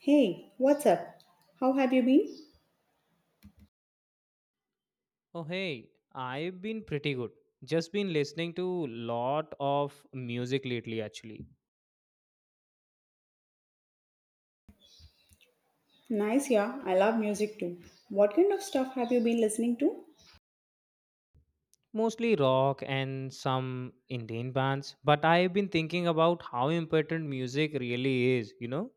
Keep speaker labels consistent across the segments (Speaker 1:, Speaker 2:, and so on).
Speaker 1: Hey, what's up? How have you been?
Speaker 2: Oh hey, I've been pretty good. Just been listening to lot of music lately actually.
Speaker 1: Nice, yeah, I love music too. What kind of stuff have you been listening to?
Speaker 2: Mostly rock and some Indian bands, but I've been thinking about how important music really is, you know?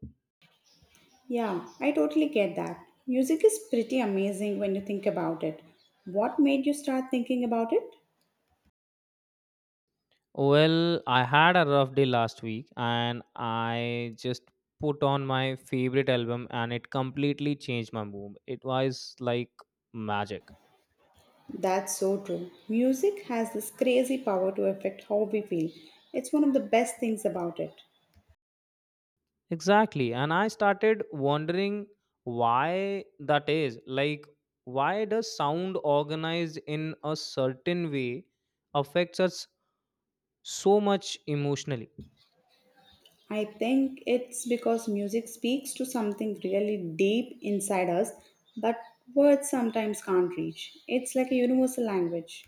Speaker 1: Yeah, I totally get that. Music is pretty amazing when you think about it. What made you start thinking about it?
Speaker 2: Well, I had a rough day last week and I just put on my favorite album and it completely changed my mood. It was like magic.
Speaker 1: That's so true. Music has this crazy power to affect how we feel. It's one of the best things about it.
Speaker 2: Exactly. And I started wondering why that is. Like, why does sound organized in a certain way affects us so much emotionally?
Speaker 1: I think it's because music speaks to something really deep inside us, but words sometimes can't reach. It's like a universal language.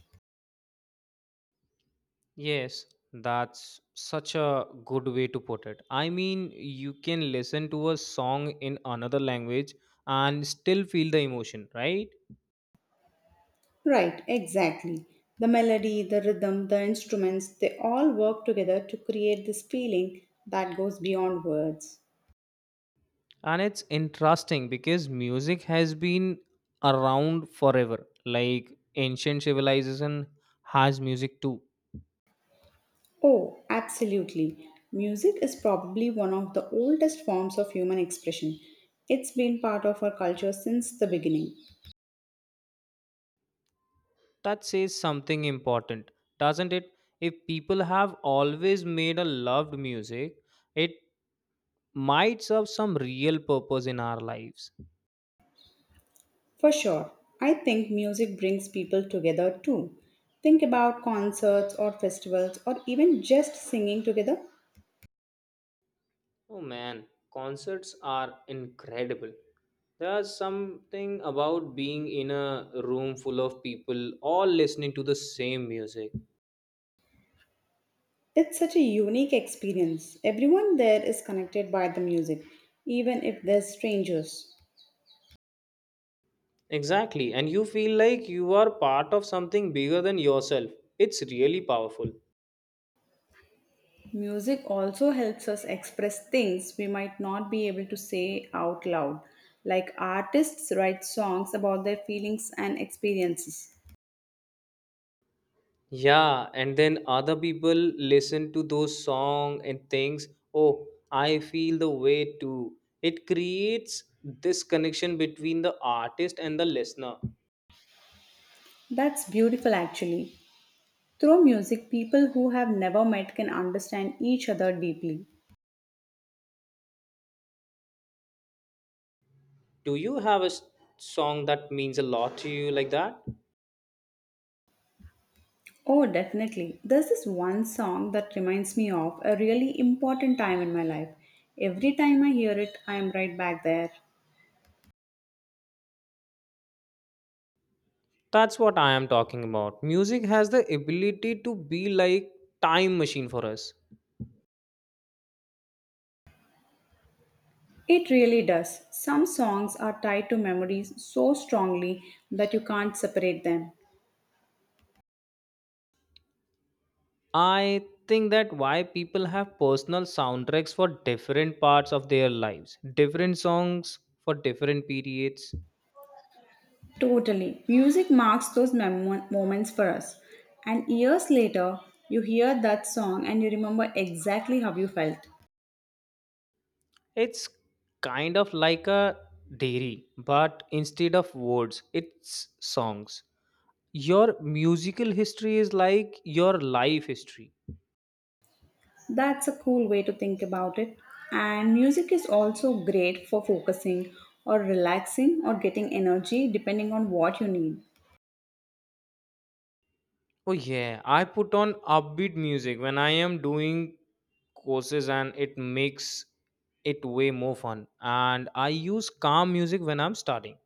Speaker 2: Yes, that's such a good way to put it. I mean, you can listen to a song in another language and still feel the emotion, right?
Speaker 1: Right, exactly. The melody, the rhythm, the instruments, they all work together to create this feeling that goes beyond words.
Speaker 2: And it's interesting because music has been around forever, like ancient civilization has music too.
Speaker 1: Oh, absolutely. Music is probably one of the oldest forms of human expression. It's been part of our culture since the beginning.
Speaker 2: That says something important, doesn't it? If people have always made a loved music, it might serve some real purpose in our lives.
Speaker 1: For sure, I think music brings people together too. Think about concerts or festivals or even just singing together.
Speaker 2: Oh man, concerts are incredible. There's something about being in a room full of people all listening to the same music.
Speaker 1: It's such a unique experience. Everyone there is connected by the music, even if they're strangers.
Speaker 2: Exactly. And you feel like you are part of something bigger than yourself. It's really powerful.
Speaker 1: Music also helps us express things we might not be able to say out loud, like artists write songs about their feelings and experiences.
Speaker 2: Yeah, and then other people listen to those songs and things, oh, I feel the way too. It creates this connection between the artist and the listener.
Speaker 1: That's beautiful, actually. Through music, people who have never met can understand each other deeply.
Speaker 2: Do you have a song that means a lot to you like that?
Speaker 1: Oh, definitely. There's this one song that reminds me of a really important time in my life. Every time I hear it, I am right back there.
Speaker 2: That's what I am talking about. Music has the ability to be like time machine for us.
Speaker 1: It really does. Some songs are tied to memories so strongly that you can't separate them.
Speaker 2: I think that why people have personal soundtracks for different parts of their lives, different songs for different periods.
Speaker 1: Totally. Music marks those moments for us. And years later, you hear that song and you remember exactly how you felt.
Speaker 2: It's kind of like a diary, but instead of words, it's songs. Your musical history is like your life history.
Speaker 1: That's a cool way to think about it. And music is also great for focusing or relaxing or getting energy depending on what you need.
Speaker 2: Oh yeah, I put on upbeat music when I am doing courses, and it makes it way more fun. And I use calm music when I'm starting.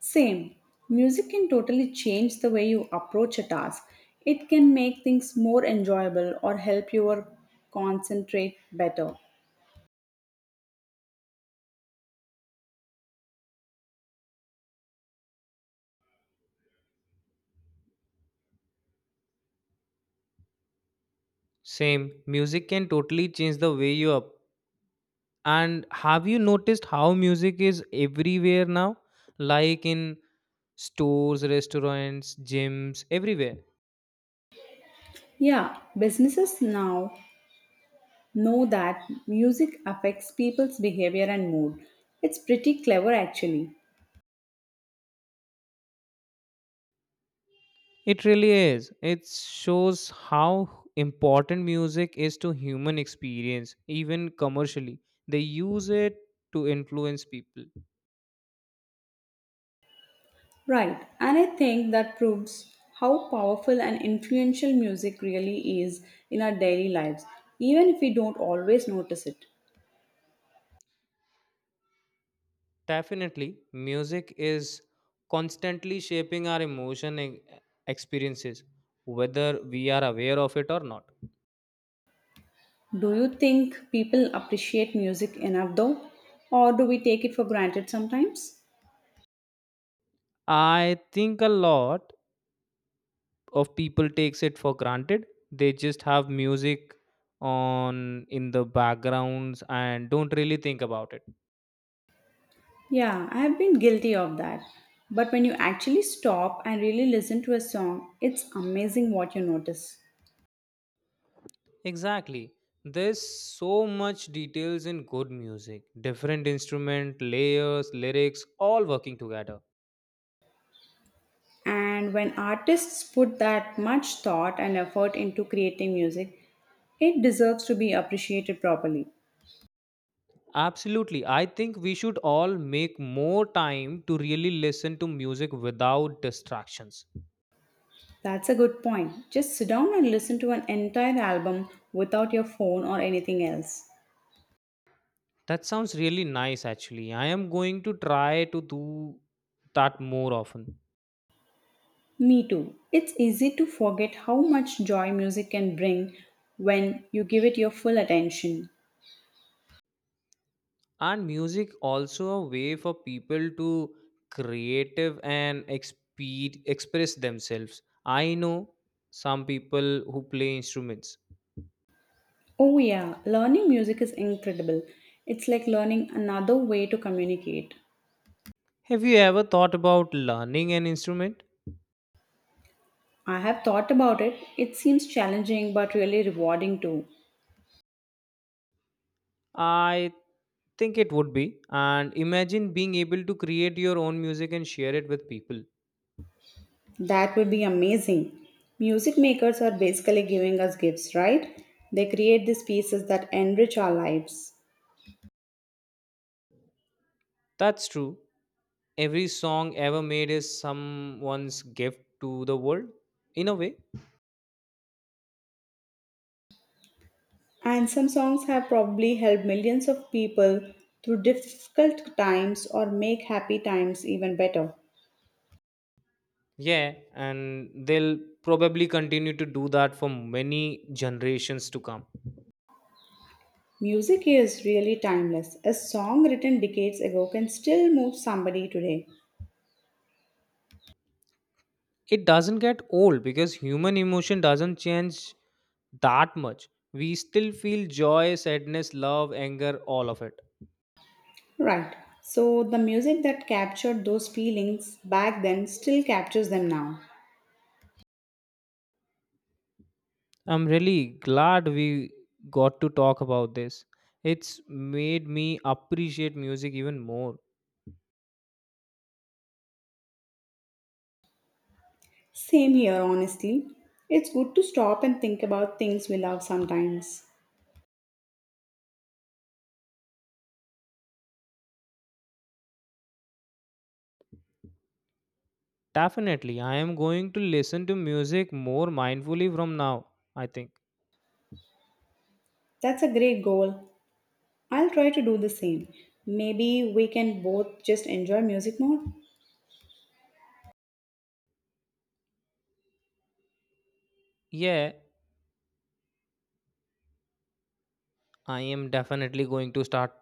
Speaker 1: Same, music can totally change the way you approach a task. It can make things more enjoyable or help you concentrate better.
Speaker 2: Same. Music can totally change the way you up. And have you noticed how music is everywhere now? Like in stores, restaurants, gyms, everywhere.
Speaker 1: Yeah, businesses now know that music affects people's behavior and mood. It's pretty clever actually.
Speaker 2: It really is. It shows how important music is to human experience, even commercially. They use it to influence people.
Speaker 1: Right, and I think that proves how powerful and influential music really is in our daily lives, even if we don't always notice it.
Speaker 2: Definitely, music is constantly shaping our experiences, whether we are aware of it or not.
Speaker 1: Do you think people appreciate music enough though? Or do we take it for granted sometimes?
Speaker 2: I think a lot of people takes it for granted. They just have music on in the backgrounds and don't really think about it.
Speaker 1: Yeah, I have been guilty of that. But when you actually stop and really listen to a song, it's amazing what you notice.
Speaker 2: Exactly. There's so much details in good music. Different instrument, layers, lyrics all working together.
Speaker 1: And when artists put that much thought and effort into creating music, it deserves to be appreciated properly.
Speaker 2: Absolutely. I think we should all make more time to really listen to music without distractions.
Speaker 1: That's a good point. Just sit down and listen to an entire album without your phone or anything else.
Speaker 2: That sounds really nice actually. I am going to try to do that more often.
Speaker 1: Me too. It's easy to forget how much joy music can bring when you give it your full attention.
Speaker 2: And music also a way for people to express themselves. I know some people who play instruments.
Speaker 1: Oh, yeah, learning music is incredible. It's like learning another way to communicate.
Speaker 2: Have you ever thought about learning an instrument?
Speaker 1: I have thought about it. It seems challenging but really rewarding too.
Speaker 2: I think it would be, and imagine being able to create your own music and share it with people.
Speaker 1: That would be amazing. Music makers are basically giving us gifts, right? They create these pieces that enrich our lives.
Speaker 2: That's true. Every song ever made is someone's gift to the world, in a way.
Speaker 1: And some songs have probably helped millions of people through difficult times or make happy times even better.
Speaker 2: Yeah, and they'll probably continue to do that for many generations to come.
Speaker 1: Music is really timeless. A song written decades ago can still move somebody today.
Speaker 2: It doesn't get old because human emotion doesn't change that much. We still feel joy, sadness, love, anger, all of it.
Speaker 1: Right. So the music that captured those feelings back then still captures them now.
Speaker 2: I'm really glad we got to talk about this. It's made me appreciate music even more.
Speaker 1: Same here, honestly. It's good to stop and think about things we love sometimes.
Speaker 2: Definitely, I am going to listen to music more mindfully from now, I think.
Speaker 1: That's a great goal. I'll try to do the same. Maybe we can both just enjoy music more.
Speaker 2: Yeah, I am definitely going to start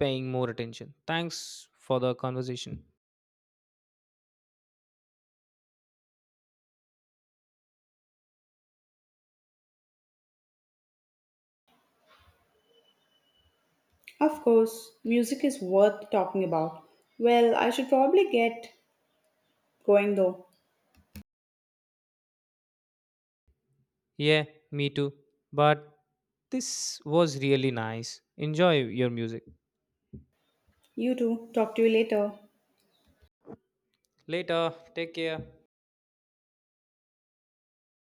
Speaker 2: paying more attention. Thanks for the conversation.
Speaker 1: Of course, music is worth talking about. Well, I should probably get going though.
Speaker 2: Yeah, me too. But this was really nice. Enjoy your music.
Speaker 1: You too. Talk to you later.
Speaker 2: Later, take care.